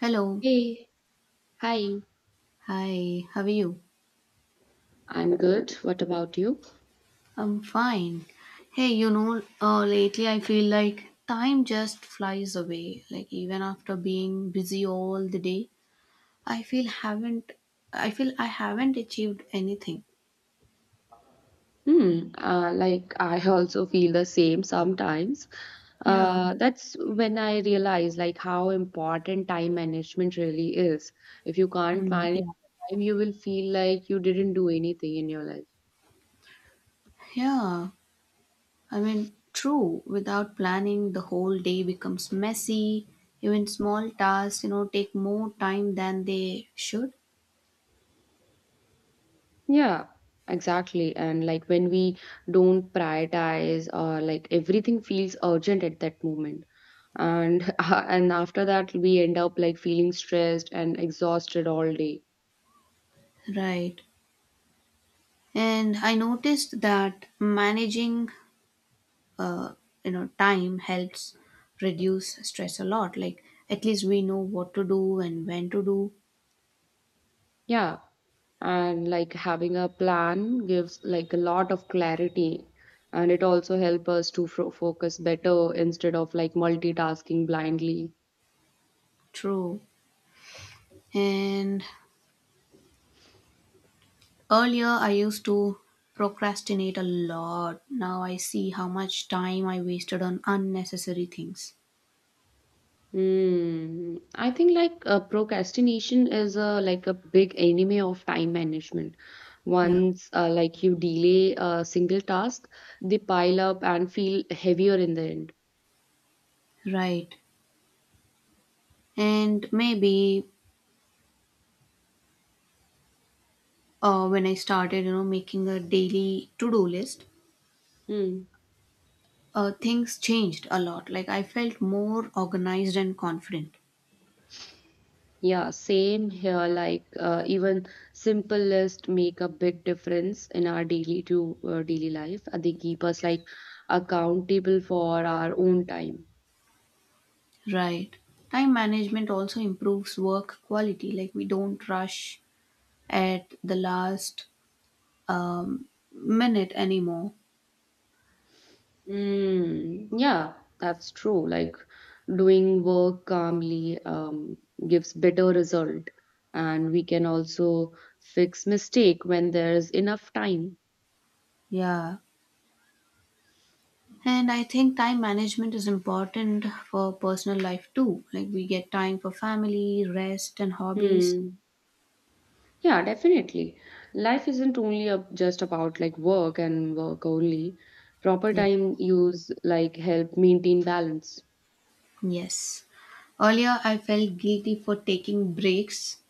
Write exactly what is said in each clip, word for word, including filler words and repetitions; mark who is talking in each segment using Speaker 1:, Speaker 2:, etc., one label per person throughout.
Speaker 1: Hello.
Speaker 2: Hey, hi.
Speaker 1: Hi. How are you?
Speaker 2: I'm good. What about you?
Speaker 1: I'm fine. Hey, you know, uh, lately I feel like time just flies away. Like even after being busy all the day, I feel haven't I feel I haven't achieved anything.
Speaker 2: Hmm. Uh, like I also feel the same sometimes.
Speaker 1: Yeah.
Speaker 2: Uh, that's when I realize like how important time management really is. If you can't
Speaker 1: Mm,
Speaker 2: manage
Speaker 1: yeah.
Speaker 2: time, you will feel like you didn't do anything in your life.
Speaker 1: Yeah. I mean, true. Without planning, the whole day becomes messy. Even small tasks, you know, take more time than they should.
Speaker 2: Yeah, exactly. And like when we don't prioritize or like everything feels urgent at that moment. And and after that we end up like feeling stressed and exhausted all day.
Speaker 1: Right. And I noticed that managing uh, you know, time helps reduce stress a lot, like at least we know what to do and when to do.
Speaker 2: Yeah. And like having a plan gives like a lot of clarity, and it also help us to fo focus better instead of like multitasking blindly.
Speaker 1: True. And earlier I used to procrastinate a lot. Now I see how much time I wasted on unnecessary things.
Speaker 2: Mm, I think like uh, procrastination is a like a big enemy of time management.
Speaker 1: Yeah.
Speaker 2: Once uh, like you delay a single task, they pile up and feel heavier in the end.
Speaker 1: Right. And maybe uh, when I started, you know, making a daily to do list,
Speaker 2: Hmm.
Speaker 1: uh, things changed a lot. Like I felt more organized and confident.
Speaker 2: Yeah, same here. Like uh, even simple list make a big difference in our daily to uh, daily life. Uh, They keep us like accountable for our own time.
Speaker 1: Right. Time management also improves work quality. Like we don't rush at the last um, minute anymore.
Speaker 2: Mm, yeah, that's true. Like doing work calmly um, gives better result, and we can also fix mistake when there's enough time.
Speaker 1: Yeah. And I think time management is important for personal life too. Like we get time for family, rest, and hobbies.
Speaker 2: Hmm. Yeah, definitely. Life isn't only a, just about like work and work only. Proper
Speaker 1: Yeah.
Speaker 2: time use like help maintain balance.
Speaker 1: Yes. Earlier, I felt guilty for taking breaks.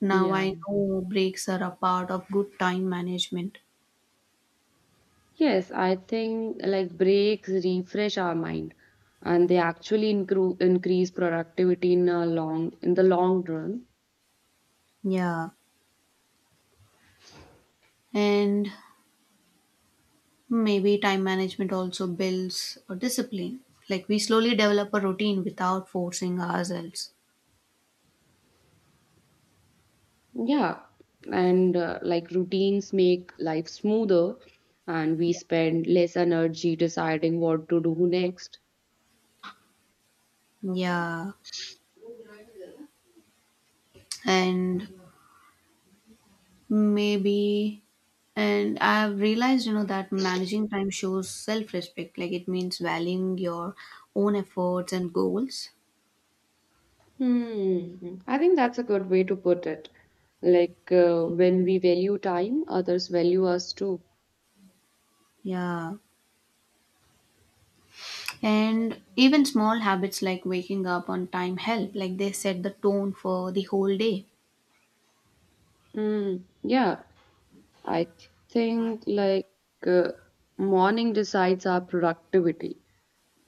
Speaker 1: Now I
Speaker 2: Yeah.
Speaker 1: know breaks are a part of good time management.
Speaker 2: Yes, I think like breaks refresh our mind, and they actually incre- increase productivity in a long in the long run.
Speaker 1: Yeah. And maybe time management also builds a discipline. Like we slowly develop a routine without forcing ourselves.
Speaker 2: Yeah, and uh, like routines make life smoother, and we
Speaker 1: Yeah.
Speaker 2: spend less energy deciding what to do next.
Speaker 1: Yeah. And maybe, and I've realized, you know, that managing time shows self respect. Like it means valuing your own efforts and goals.
Speaker 2: Hmm. I think that's a good way to put it. Like uh, when we value time, others value us too.
Speaker 1: Yeah. And even small habits like waking up on time help. Like they set the tone for the whole day.
Speaker 2: Hmm. Yeah. I think like uh, morning decides our productivity.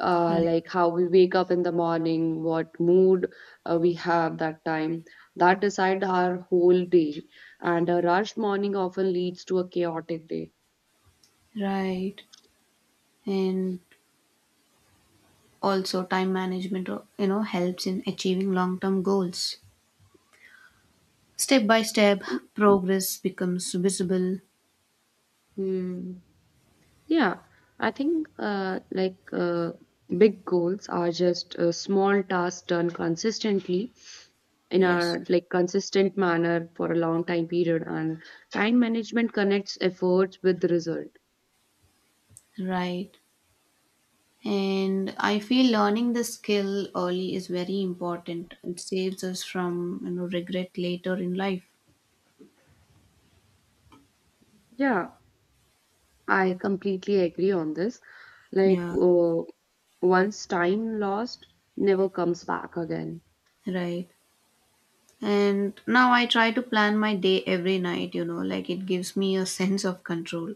Speaker 2: Uh,
Speaker 1: Right.
Speaker 2: like how we wake up in the morning, what mood uh, we have that time, that decide our whole day. And a rush morning often leads to a chaotic day.
Speaker 1: Right. And also time management uh, you know, helps in achieving long term goals, step by step. Progress becomes visible.
Speaker 2: Hmm. Yeah, I think uh, like uh, big goals are just uh, small tasks done consistently in
Speaker 1: Yes.
Speaker 2: a like consistent manner for a long time period, and time management connects efforts with the result.
Speaker 1: Right. And I feel learning the skill early is very important. It saves us from, you know, regret later in life.
Speaker 2: Yeah, I completely agree on this. Like
Speaker 1: Yeah.
Speaker 2: uh, once time lost never comes back again.
Speaker 1: Right. And now I try to plan my day every night, you know. Like it gives me a sense of control.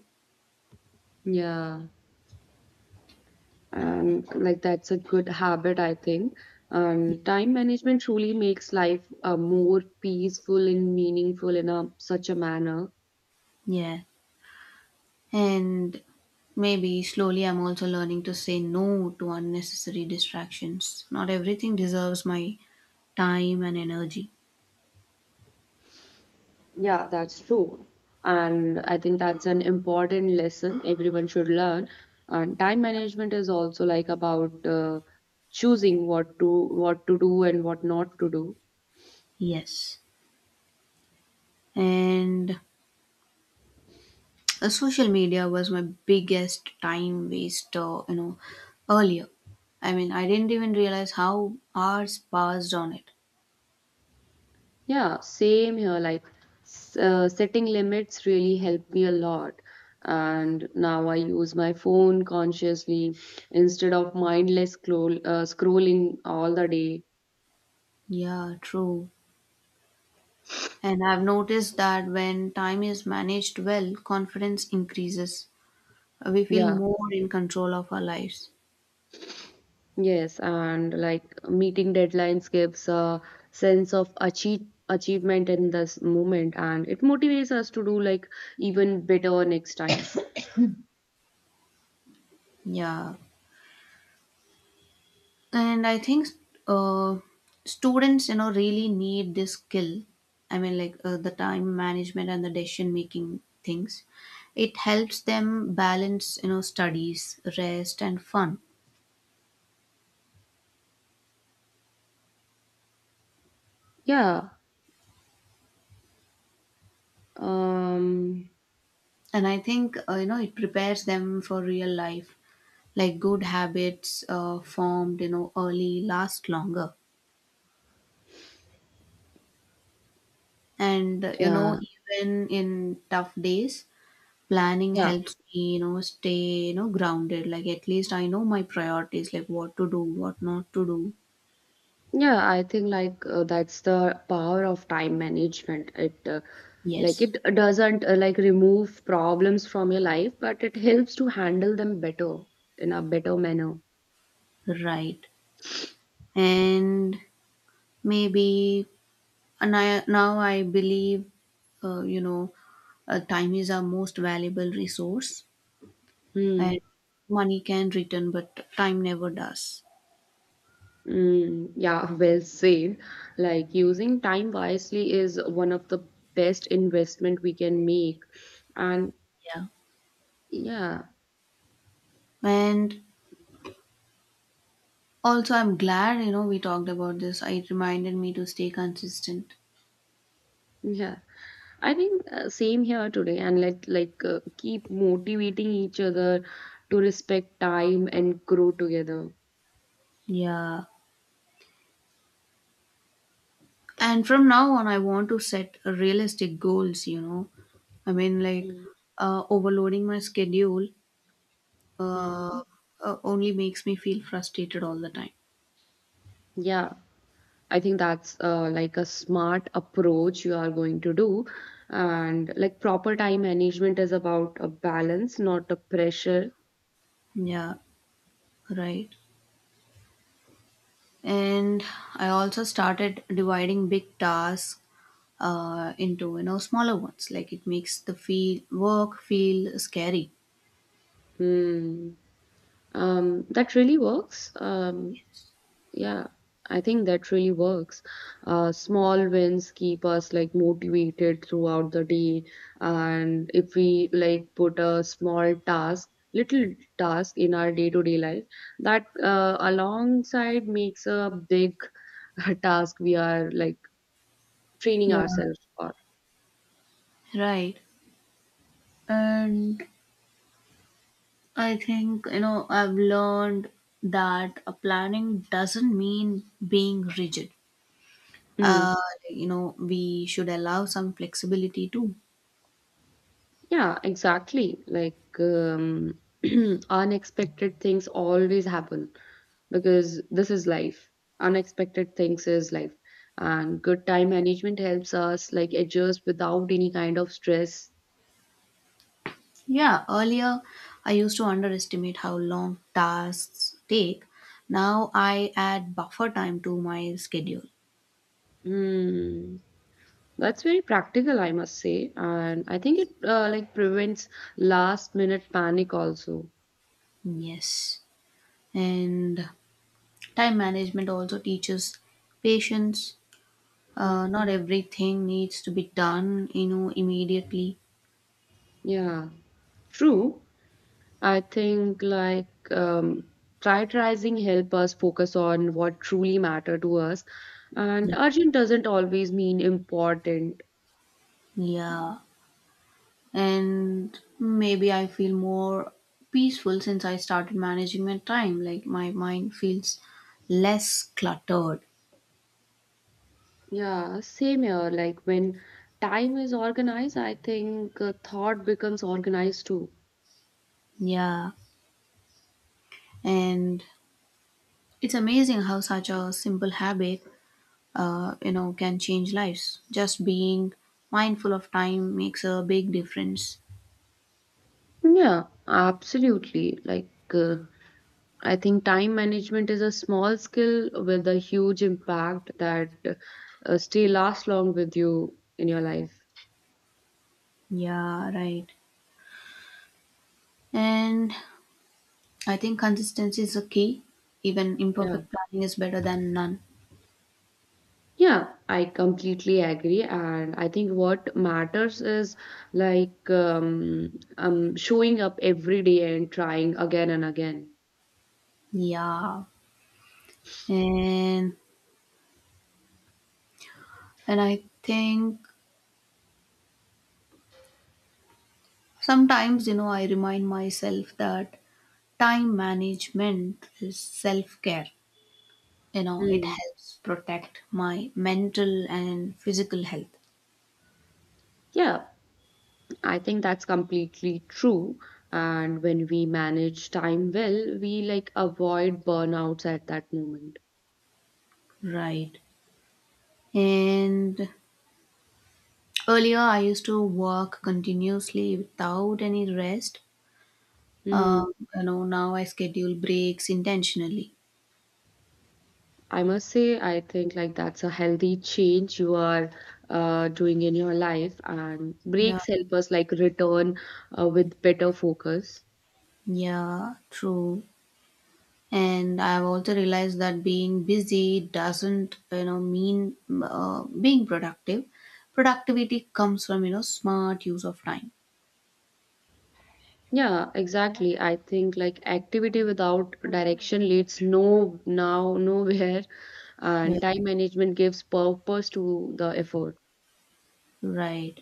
Speaker 2: Yeah, and like that's a good habit I think, and time management truly makes life uh, more peaceful and meaningful in a such a manner.
Speaker 1: Yeah. And maybe slowly I'm also learning to say no to unnecessary distractions. Not everything deserves my time and energy.
Speaker 2: Yeah, that's true. And I think that's an important lesson everyone should learn. And time management is also like about uh, choosing what to what to do and what not to do.
Speaker 1: Yes. And uh, social media was my biggest time waster, you know, earlier. I mean, I didn't even realize how hours passed on it.
Speaker 2: Yeah, same here. Like s- uh, setting limits really helped me a lot. And now I use my phone consciously instead of mindless scroll, uh, scrolling all the day.
Speaker 1: Yeah, true. And I've noticed that when time is managed well, confidence increases. We feel
Speaker 2: Yeah,
Speaker 1: more in control of our lives.
Speaker 2: yes, and like meeting deadlines gives a sense of achieve achievement in this moment, and it motivates us to do like even better next time.
Speaker 1: Yeah. And I think uh, students, you know, really need this skill. I mean, like, uh, the time management and the decision making things, it helps them balance, you know, studies, rest and fun.
Speaker 2: Yeah. Um,
Speaker 1: And I think uh, you know, it prepares them for real life. Like good habits uh, formed, you know, early last longer. And uh, you know,
Speaker 2: yeah,
Speaker 1: even in tough days, planning
Speaker 2: yeah,
Speaker 1: helps me, you know, stay, you know, grounded. Like at least I know my priorities, like what to do, what not to do.
Speaker 2: yeah. I think like uh, that's the power of time management. It uh, Like
Speaker 1: Yes,
Speaker 2: it doesn't uh, like remove problems from your life, but it helps to handle them better in a better manner.
Speaker 1: right. And maybe and I, now I believe, uh, you know, uh, time is our most valuable resource,
Speaker 2: Hmm.
Speaker 1: and money can return, but time never does.
Speaker 2: Mm, yeah, well said. Like using time wisely is one of the best investment we can make. And
Speaker 1: Yeah.
Speaker 2: yeah,
Speaker 1: And also, I'm glad, you know, we talked about this. It reminded me to stay consistent.
Speaker 2: yeah. I think uh, same here today, and let like uh, keep motivating each other to respect time and grow together.
Speaker 1: Yeah. And from now on I want to set realistic goals, you know. I mean, like
Speaker 2: Mm.
Speaker 1: uh, overloading my schedule uh,
Speaker 2: Mm.
Speaker 1: uh, only makes me feel frustrated all the time.
Speaker 2: Yeah, I think that's uh, like a smart approach you are going to do. And like proper time management is about a balance, not a pressure.
Speaker 1: Yeah, right. And I also started dividing big tasks uh, into, you know, smaller ones. Like it makes the feel work feel scary.
Speaker 2: Hmm. Um, that really works. Um, yeah, I think that really works. Uh, small wins keep us like motivated throughout the day, and if we like put a small task, little task in our day-to-day life, that uh, alongside makes a big task we are like training
Speaker 1: Yeah,
Speaker 2: ourselves for.
Speaker 1: right. And I think, you know, I've learned that a planning doesn't mean being rigid. Uh,
Speaker 2: Mm.
Speaker 1: you know, we should allow some flexibility too.
Speaker 2: Yeah, exactly. Like um, unexpected things always happen because this is life. Unexpected things is life. And good time management helps us like adjust without any kind of stress.
Speaker 1: Yeah, earlier I used to underestimate how long tasks take. Now I add buffer time to my schedule.
Speaker 2: Hmm. That's very practical, I must say. And I think it uh, like prevents last minute panic also.
Speaker 1: Yes. And time management also teaches patience.
Speaker 2: Hmm.
Speaker 1: Uh, not everything needs to be done, you know, immediately.
Speaker 2: Yeah. True, I think like um, prioritizing help us focus on what truly matter to us, and urgent doesn't always mean important.
Speaker 1: Yeah. And maybe I feel more peaceful since I started managing my time. Like my mind feels less cluttered.
Speaker 2: Yeah, same here. Like when time is organized, I think uh, thought becomes organized too.
Speaker 1: Yeah. And it's amazing how such a simple habit, uh, you know, can change lives. Just being mindful of time makes a big difference.
Speaker 2: Yeah, absolutely. Like uh, I think time management is a small skill with a huge impact that uh, stay last long with you in your life.
Speaker 1: Yeah, right. And I think consistency is the key. Even
Speaker 2: Yeah.
Speaker 1: imperfect planning is better than none.
Speaker 2: Yeah, I completely agree. And I think what matters is like um, um, showing up every day and trying again and again.
Speaker 1: Yeah. And and i think sometimes, you know, I remind myself that time management is self care. You know, it
Speaker 2: Mm.
Speaker 1: helps protect my mental and physical health.
Speaker 2: Yeah, I think that's completely true. And when we manage time well, we like avoid burnouts at that moment.
Speaker 1: Right. And earlier, I used to work continuously without any rest.
Speaker 2: Hmm.
Speaker 1: Um, you know, now I schedule breaks intentionally.
Speaker 2: I must say, I think like that's a healthy change you are uh, doing in your life, and
Speaker 1: Yeah.
Speaker 2: breaks help us like return uh, with better focus.
Speaker 1: Yeah, true. And I've also realized that being busy doesn't, you know, mean uh, being productive. Productivity comes from, you know, smart use of time.
Speaker 2: Yeah, exactly. I think like activity without direction leads no now nowhere,
Speaker 1: Yeah,
Speaker 2: and time management gives purpose to the effort.
Speaker 1: right.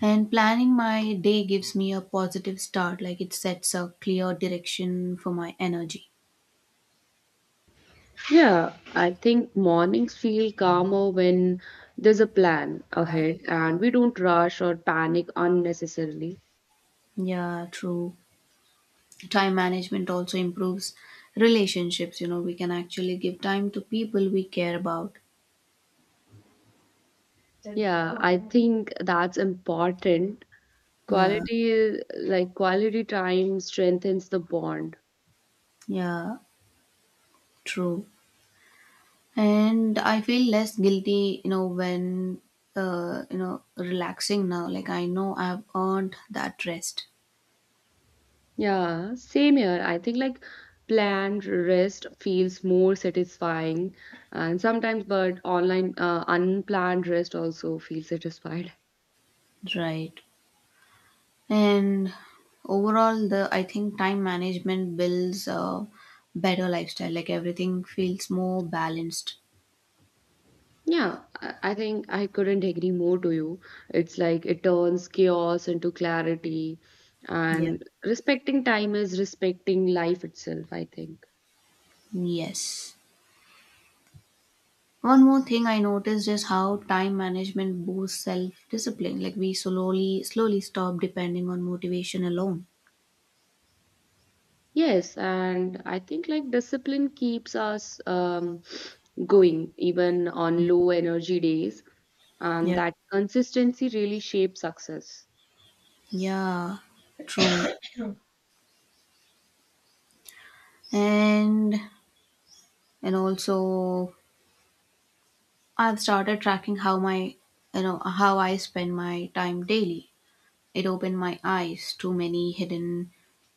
Speaker 1: And planning my day gives me a positive start. Like it sets a clear direction for my energy.
Speaker 2: Yeah, I think mornings feel calmer when there's a plan ahead, and we don't rush or panic unnecessarily.
Speaker 1: Yeah, true. Time management also improves relationships, you know. We can actually give time to people we care about.
Speaker 2: Yeah, I think that's important.
Speaker 1: Yeah.
Speaker 2: Quality, like quality time strengthens the bond.
Speaker 1: Yeah. True. And I feel less guilty, you know, when uh, you know, relaxing now. Like I know I've earned that rest.
Speaker 2: Yeah, same here. I think like planned rest feels more satisfying, and sometimes, but online uh, unplanned rest also feels satisfied.
Speaker 1: Right. And overall the I think time management builds a better lifestyle. Like everything feels more balanced.
Speaker 2: Yeah, I I think I couldn't agree more to you. It's like it turns chaos into clarity,
Speaker 1: Yeah.
Speaker 2: and respecting time is respecting life itself, I think.
Speaker 1: Yes. One more thing I noticed is how time management boosts self discipline. Like we slowly slowly stop depending on motivation alone.
Speaker 2: Yes, and I think like discipline keeps us um, going even on
Speaker 1: Yeah.
Speaker 2: low energy days, and
Speaker 1: Yeah,
Speaker 2: that consistency really shapes success.
Speaker 1: yeah, true. And and also I've started tracking how my, you know, how I spend my time daily. It opened my eyes to many hidden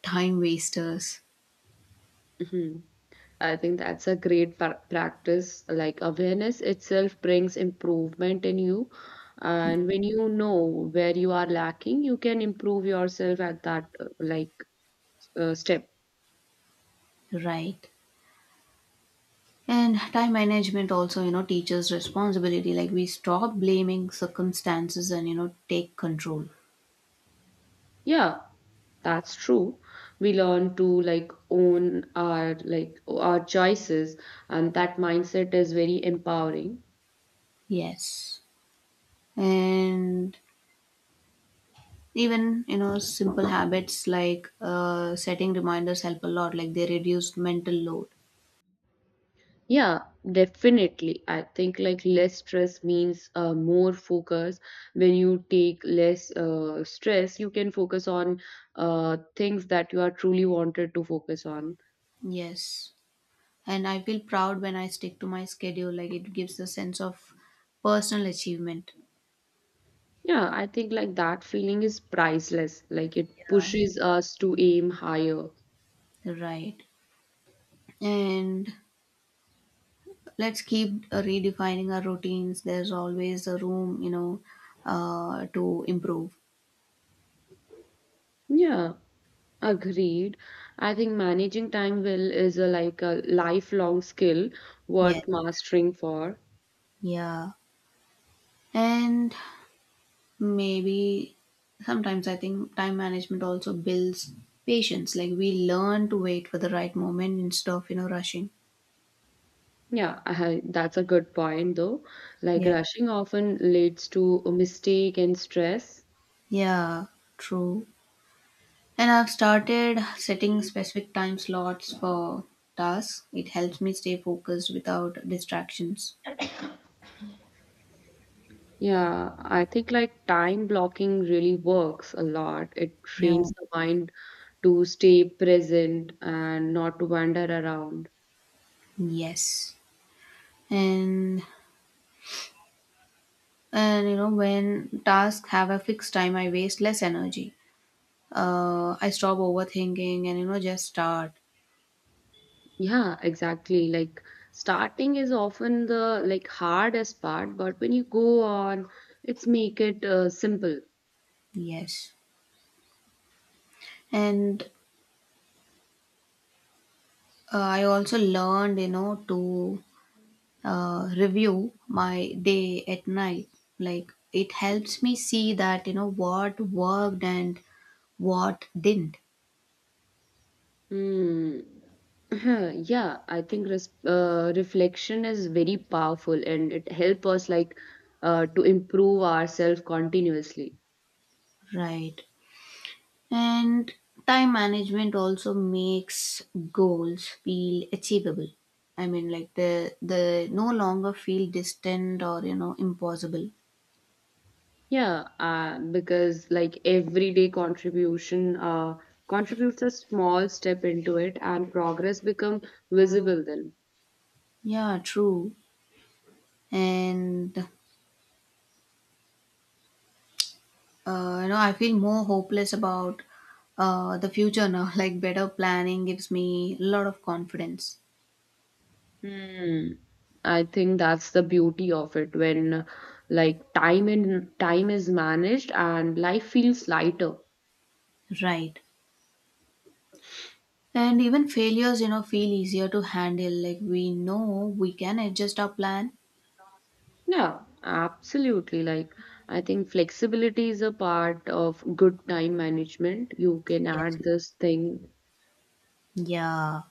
Speaker 1: time wasters.
Speaker 2: Mhm. I think that's a great pra- practice. Like awareness itself brings improvement in you, and when you know where you are lacking, you can improve yourself at that uh, like uh, step.
Speaker 1: Right. And time management also, you know, teaches responsibility. Like we stop blaming circumstances and, you know, take control.
Speaker 2: Yeah, that's true. We learn to like own our like our choices, and that mindset is very empowering.
Speaker 1: Yes. And even, you know, simple habits like uh, setting reminders help a lot. Like they reduce mental load.
Speaker 2: Yeah, definitely. I think like less stress means uh, more focus. When you take less uh, stress, you can focus on uh, things that you are truly wanted to focus on.
Speaker 1: Yes. And I feel proud when I stick to my schedule. Like it gives a sense of personal achievement,
Speaker 2: Yeah, I think like that feeling is priceless. Like it pushes us to aim higher.
Speaker 1: right? And let's keep uh, redefining our routines. There's always a room, you know, uh, to improve.
Speaker 2: Yeah, agreed. I think managing time well is a like a lifelong skill
Speaker 1: Yes,
Speaker 2: worth mastering for.
Speaker 1: yeah, and maybe sometimes I think time management also builds patience. Like we learn to wait for the right moment instead of, you know, rushing.
Speaker 2: Yeah, I, that's a good point though. Like
Speaker 1: Yeah,
Speaker 2: rushing often leads to a mistake and stress.
Speaker 1: yeah, true. And I've started setting specific time slots for tasks. It helps me stay focused without distractions.
Speaker 2: Yeah, I think like time blocking really works a lot. It
Speaker 1: Yeah.
Speaker 2: trains the mind to stay present and not to wander around.
Speaker 1: Yes. And and you know, when tasks have a fixed time, I waste less energy. Uh, I stop overthinking and, you know, just start.
Speaker 2: Yeah, exactly. Like starting is often the like hardest part, but when you go on, it's make it uh, simple.
Speaker 1: Yes. And uh, I also learned, you know, to uh, review my day at night. Like it helps me see that, you know, what worked and what didn't.
Speaker 2: Hmm. Huh, yeah, I think res uh, reflection is very powerful, and it helps us like uh, to improve ourselves continuously.
Speaker 1: Right. And time management also makes goals feel achievable. I mean, like, the the no longer feel distant or, you know, impossible.
Speaker 2: Yeah, uh, because like everyday contribution uh, contributes a small step into it, and progress become visible then.
Speaker 1: Yeah, true. And uh, you know, I feel more hopeless about uh, the future now. like better planning gives me a lot of confidence.
Speaker 2: Hmm. I think that's the beauty of it when uh, like time and time is managed and life feels lighter.
Speaker 1: Right. And even failures, you know, feel easier to handle. Like we know we can adjust our plan.
Speaker 2: Yeah, absolutely. Like, I think flexibility is a part of good time management. You can
Speaker 1: Yes.
Speaker 2: add this thing.
Speaker 1: Yeah.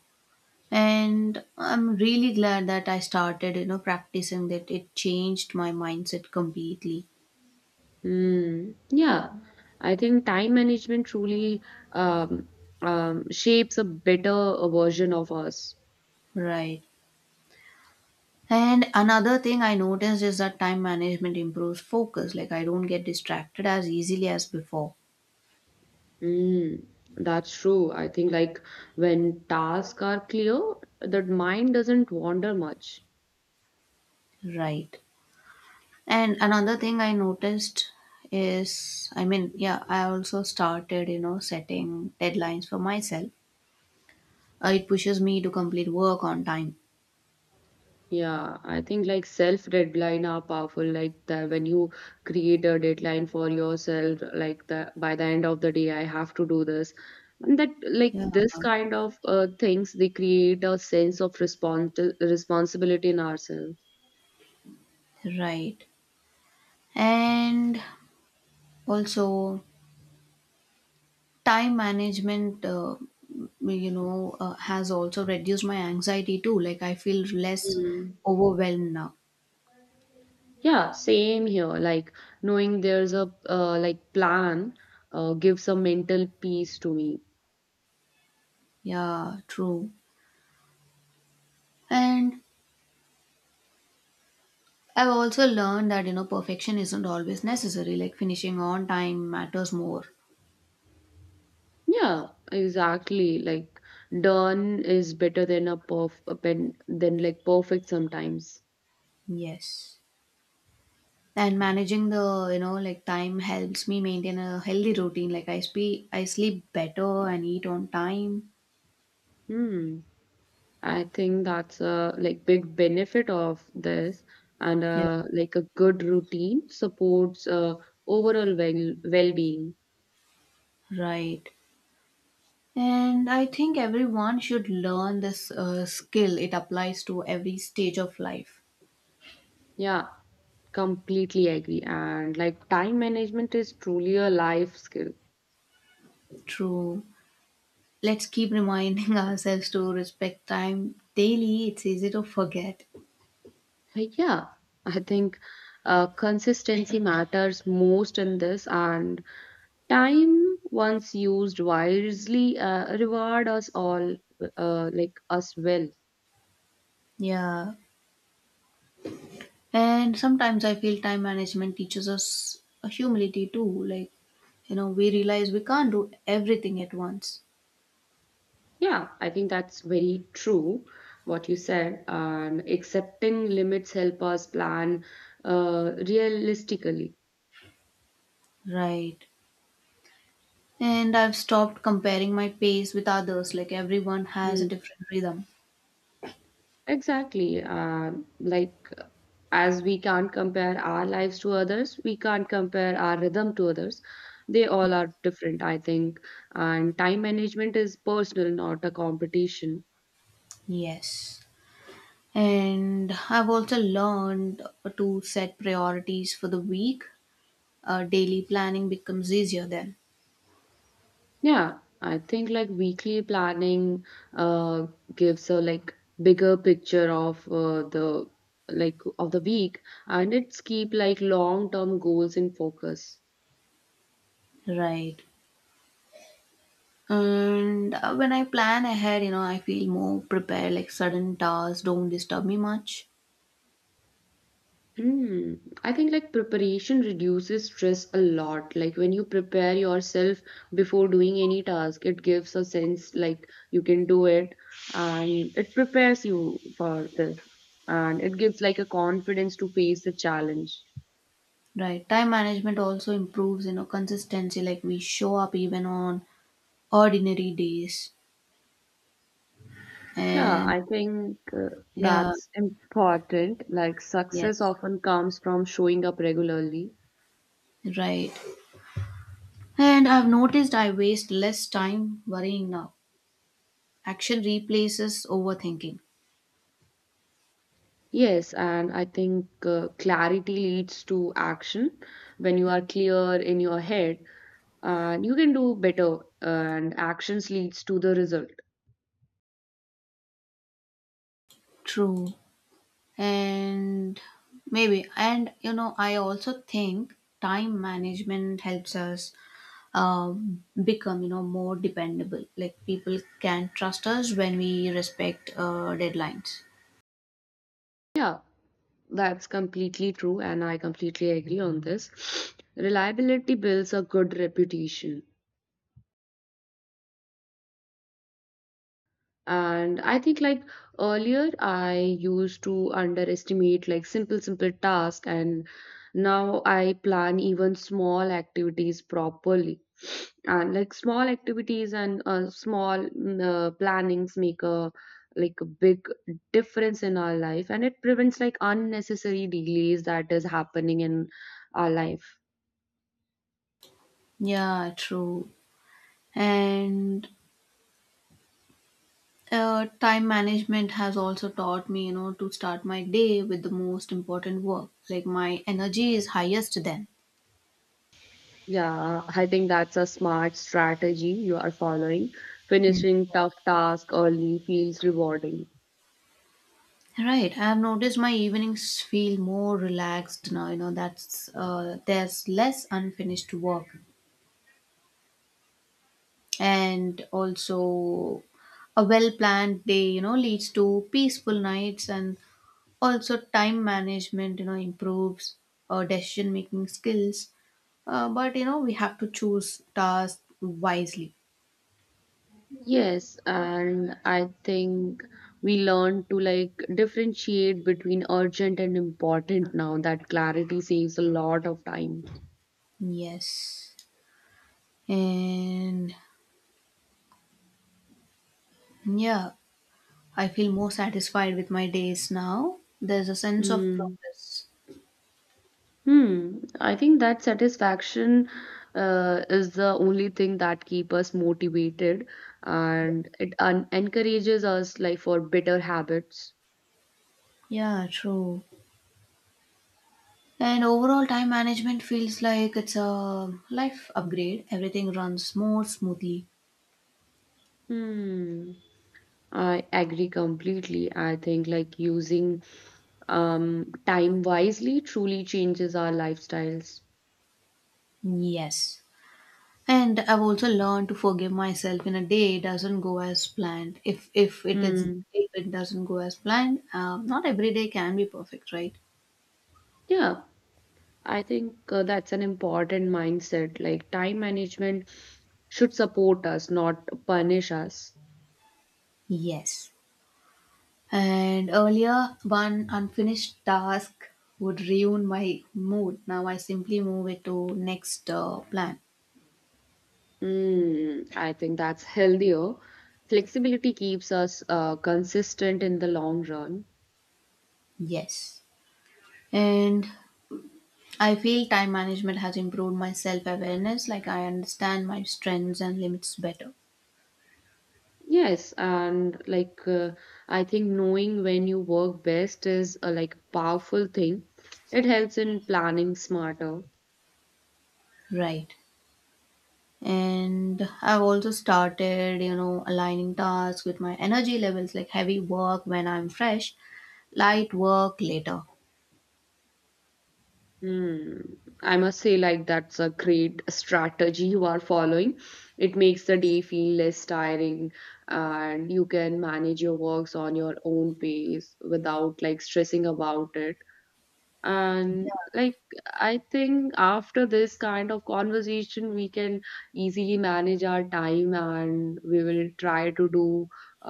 Speaker 1: And I'm really glad that I started, you know, practicing that. It changed my mindset completely.
Speaker 2: Mm, yeah, I think time management truly um, um, shapes a better uh, version of us.
Speaker 1: Right. And another thing I noticed is that time management improves focus. Like I don't get distracted as easily as before.
Speaker 2: Mm, that's true. I think, like, when tasks are clear, the mind doesn't wander much.
Speaker 1: Right. And another thing I noticed is, I mean, yeah, I also started, you know, setting deadlines for myself. Uh, it pushes me to complete work on time.
Speaker 2: Yeah, I think like self deadline are powerful. Like that when you create a deadline for yourself, like that by the end of the day, I have to do this. And that like
Speaker 1: Yeah.
Speaker 2: this kind of uh, things they create a sense of respons- responsibility in ourselves.
Speaker 1: Right. And also, time management, uh, you know, uh, has also reduced my anxiety too. Like, I feel less
Speaker 2: Mm.
Speaker 1: overwhelmed now.
Speaker 2: Yeah, same here. Like knowing there's a uh, like plan uh, gives a mental peace to me.
Speaker 1: Yeah, true. And I've also learned that, you know, perfection isn't always necessary. Like, finishing on time matters more.
Speaker 2: Yeah, exactly. Like done is better than a perf a pen than like perfect sometimes.
Speaker 1: Yes. And managing the, you know, like time helps me maintain a healthy routine. Like, I, spe- I sleep better and eat on time.
Speaker 2: Hmm. I think that's a like big benefit of this, and
Speaker 1: Yeah,
Speaker 2: uh like a good routine supports uh overall well well-being.
Speaker 1: right. And I think everyone should learn this uh, skill. It applies to every stage of life.
Speaker 2: Yeah, completely agree. And like time management is truly a life skill.
Speaker 1: True. Let's keep reminding ourselves to respect time daily. It's easy to forget.
Speaker 2: Uh, Yeah, I think uh, consistency matters most in this, and time, once used wisely, uh, reward us all, uh, like us well.
Speaker 1: Yeah. And sometimes I feel time management teaches us a humility too. Like, you know, we realize we can't do everything at once.
Speaker 2: Yeah, I think that's very true what you said. And accepting limits help us plan uh, realistically.
Speaker 1: Right. And I've stopped comparing my pace with others. Like, everyone has a
Speaker 2: Hmm,
Speaker 1: different rhythm.
Speaker 2: exactly. Uh, like as we can't compare our lives to others, we can't compare our rhythm to others, they all
Speaker 1: Yeah.
Speaker 2: are different I think, and time management is personal, not a competition.
Speaker 1: Yes. And I've also learned to set priorities for the week. Uh, daily planning becomes easier then.
Speaker 2: Yeah, I think like weekly planning uh gives a like bigger picture of uh, the like of the week, and it's keep like long term goals in focus.
Speaker 1: Right. And uh, when I plan ahead, you know, I feel more prepared, like sudden tasks don't disturb me much.
Speaker 2: Hmm. I think like preparation reduces stress a lot. Like when you prepare yourself before doing any task, it gives a sense like you can do it, and it prepares you for this, and it gives like a confidence to face the challenge.
Speaker 1: Right. Time management also improves, you know, consistency, like we show up even on ordinary days.
Speaker 2: Yeah,
Speaker 1: And
Speaker 2: I think uh,
Speaker 1: yeah,
Speaker 2: that's important. Like success
Speaker 1: yes,
Speaker 2: often comes from showing up regularly.
Speaker 1: right. And I've noticed I waste less time worrying now. Action replaces overthinking.
Speaker 2: Yes, and I think uh, clarity leads to action. When you are clear in your head, and you can do better, and actions leads to the result.
Speaker 1: True. And maybe, and you know, I also think time management helps us um, become, you know, more dependable. Like people can trust us when we respect uh, deadlines.
Speaker 2: Yeah, that's completely true, and I completely agree on this. Reliability builds a good reputation, and I think like earlier I used to underestimate like simple simple tasks, and now I plan even small activities properly. And like small activities and uh, small mm, uh, plannings make a like a big difference in our life, and it prevents like unnecessary delays that is happening in our life.
Speaker 1: Yeah, true. And uh, time management has also taught me, you know, to start my day with the most important work. Like my energy is highest then.
Speaker 2: Yeah, I think that's a smart strategy you are following. Finishing tough task early feels rewarding.
Speaker 1: Right, I've noticed my evenings feel more relaxed now. You know, that's uh, there's less unfinished work, and also a well-planned day, you know, leads to peaceful nights, and also time management, you know, improves uh, decision-making skills. Uh, but, you know, we have to choose tasks wisely.
Speaker 2: Yes, and I think we learn to like differentiate between urgent and important now. That clarity saves a lot of time.
Speaker 1: Yes, and yeah, I feel more satisfied with my days now. There's a sense of
Speaker 2: Mm.
Speaker 1: progress.
Speaker 2: Hmm. I think that satisfaction uh, is the only thing that keep us motivated, and it un encourages us like for better habits.
Speaker 1: Yeah, true. And overall time management feels like it's a life upgrade. Everything runs more smoothly.
Speaker 2: Hmm. I agree completely. I think like using um time wisely truly changes our lifestyles.
Speaker 1: Yes. And I've also learned to forgive myself. In a day it doesn't go as planned. If if it is
Speaker 2: Hmm.
Speaker 1: if it doesn't go as planned, um, not every day can be perfect, right?
Speaker 2: Yeah, I think uh, that's an important mindset. Like time management should support us, not punish us.
Speaker 1: Yes. And earlier, one unfinished task would ruin my mood. Now I simply move it to next uh, plan.
Speaker 2: Hmm. I think that's healthier. Flexibility keeps us uh, consistent in the long run.
Speaker 1: Yes. And I feel time management has improved my self awareness, like I understand my strengths and limits better.
Speaker 2: Yes, and like uh, I think knowing when you work best is a like powerful thing. It helps in planning smarter.
Speaker 1: Right. And I've also started, you know, aligning tasks with my energy levels, like heavy work when I'm fresh, light work later.
Speaker 2: Hmm. I must say, like that's a great strategy you are following. It makes the day feel less tiring, and you can manage your works on your own pace without like stressing about it. And like I think after this kind of conversation we can easily manage our time, and we will try to do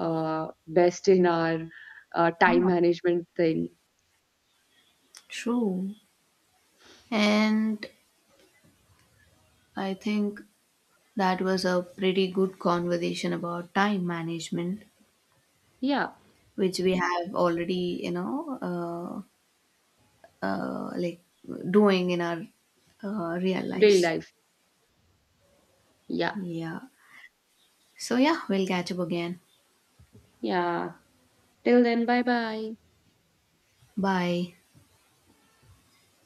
Speaker 2: uh, best in our uh,
Speaker 1: Yeah.
Speaker 2: time management thing.
Speaker 1: True. And I think that was a pretty good conversation about time management,
Speaker 2: Yeah,
Speaker 1: which we have already, you know, uh, uh, like doing in our uh, real
Speaker 2: daily
Speaker 1: lives.
Speaker 2: life, yeah,
Speaker 1: Yeah. So, yeah, we'll catch up again.
Speaker 2: yeah. Till then, bye bye.
Speaker 1: Bye.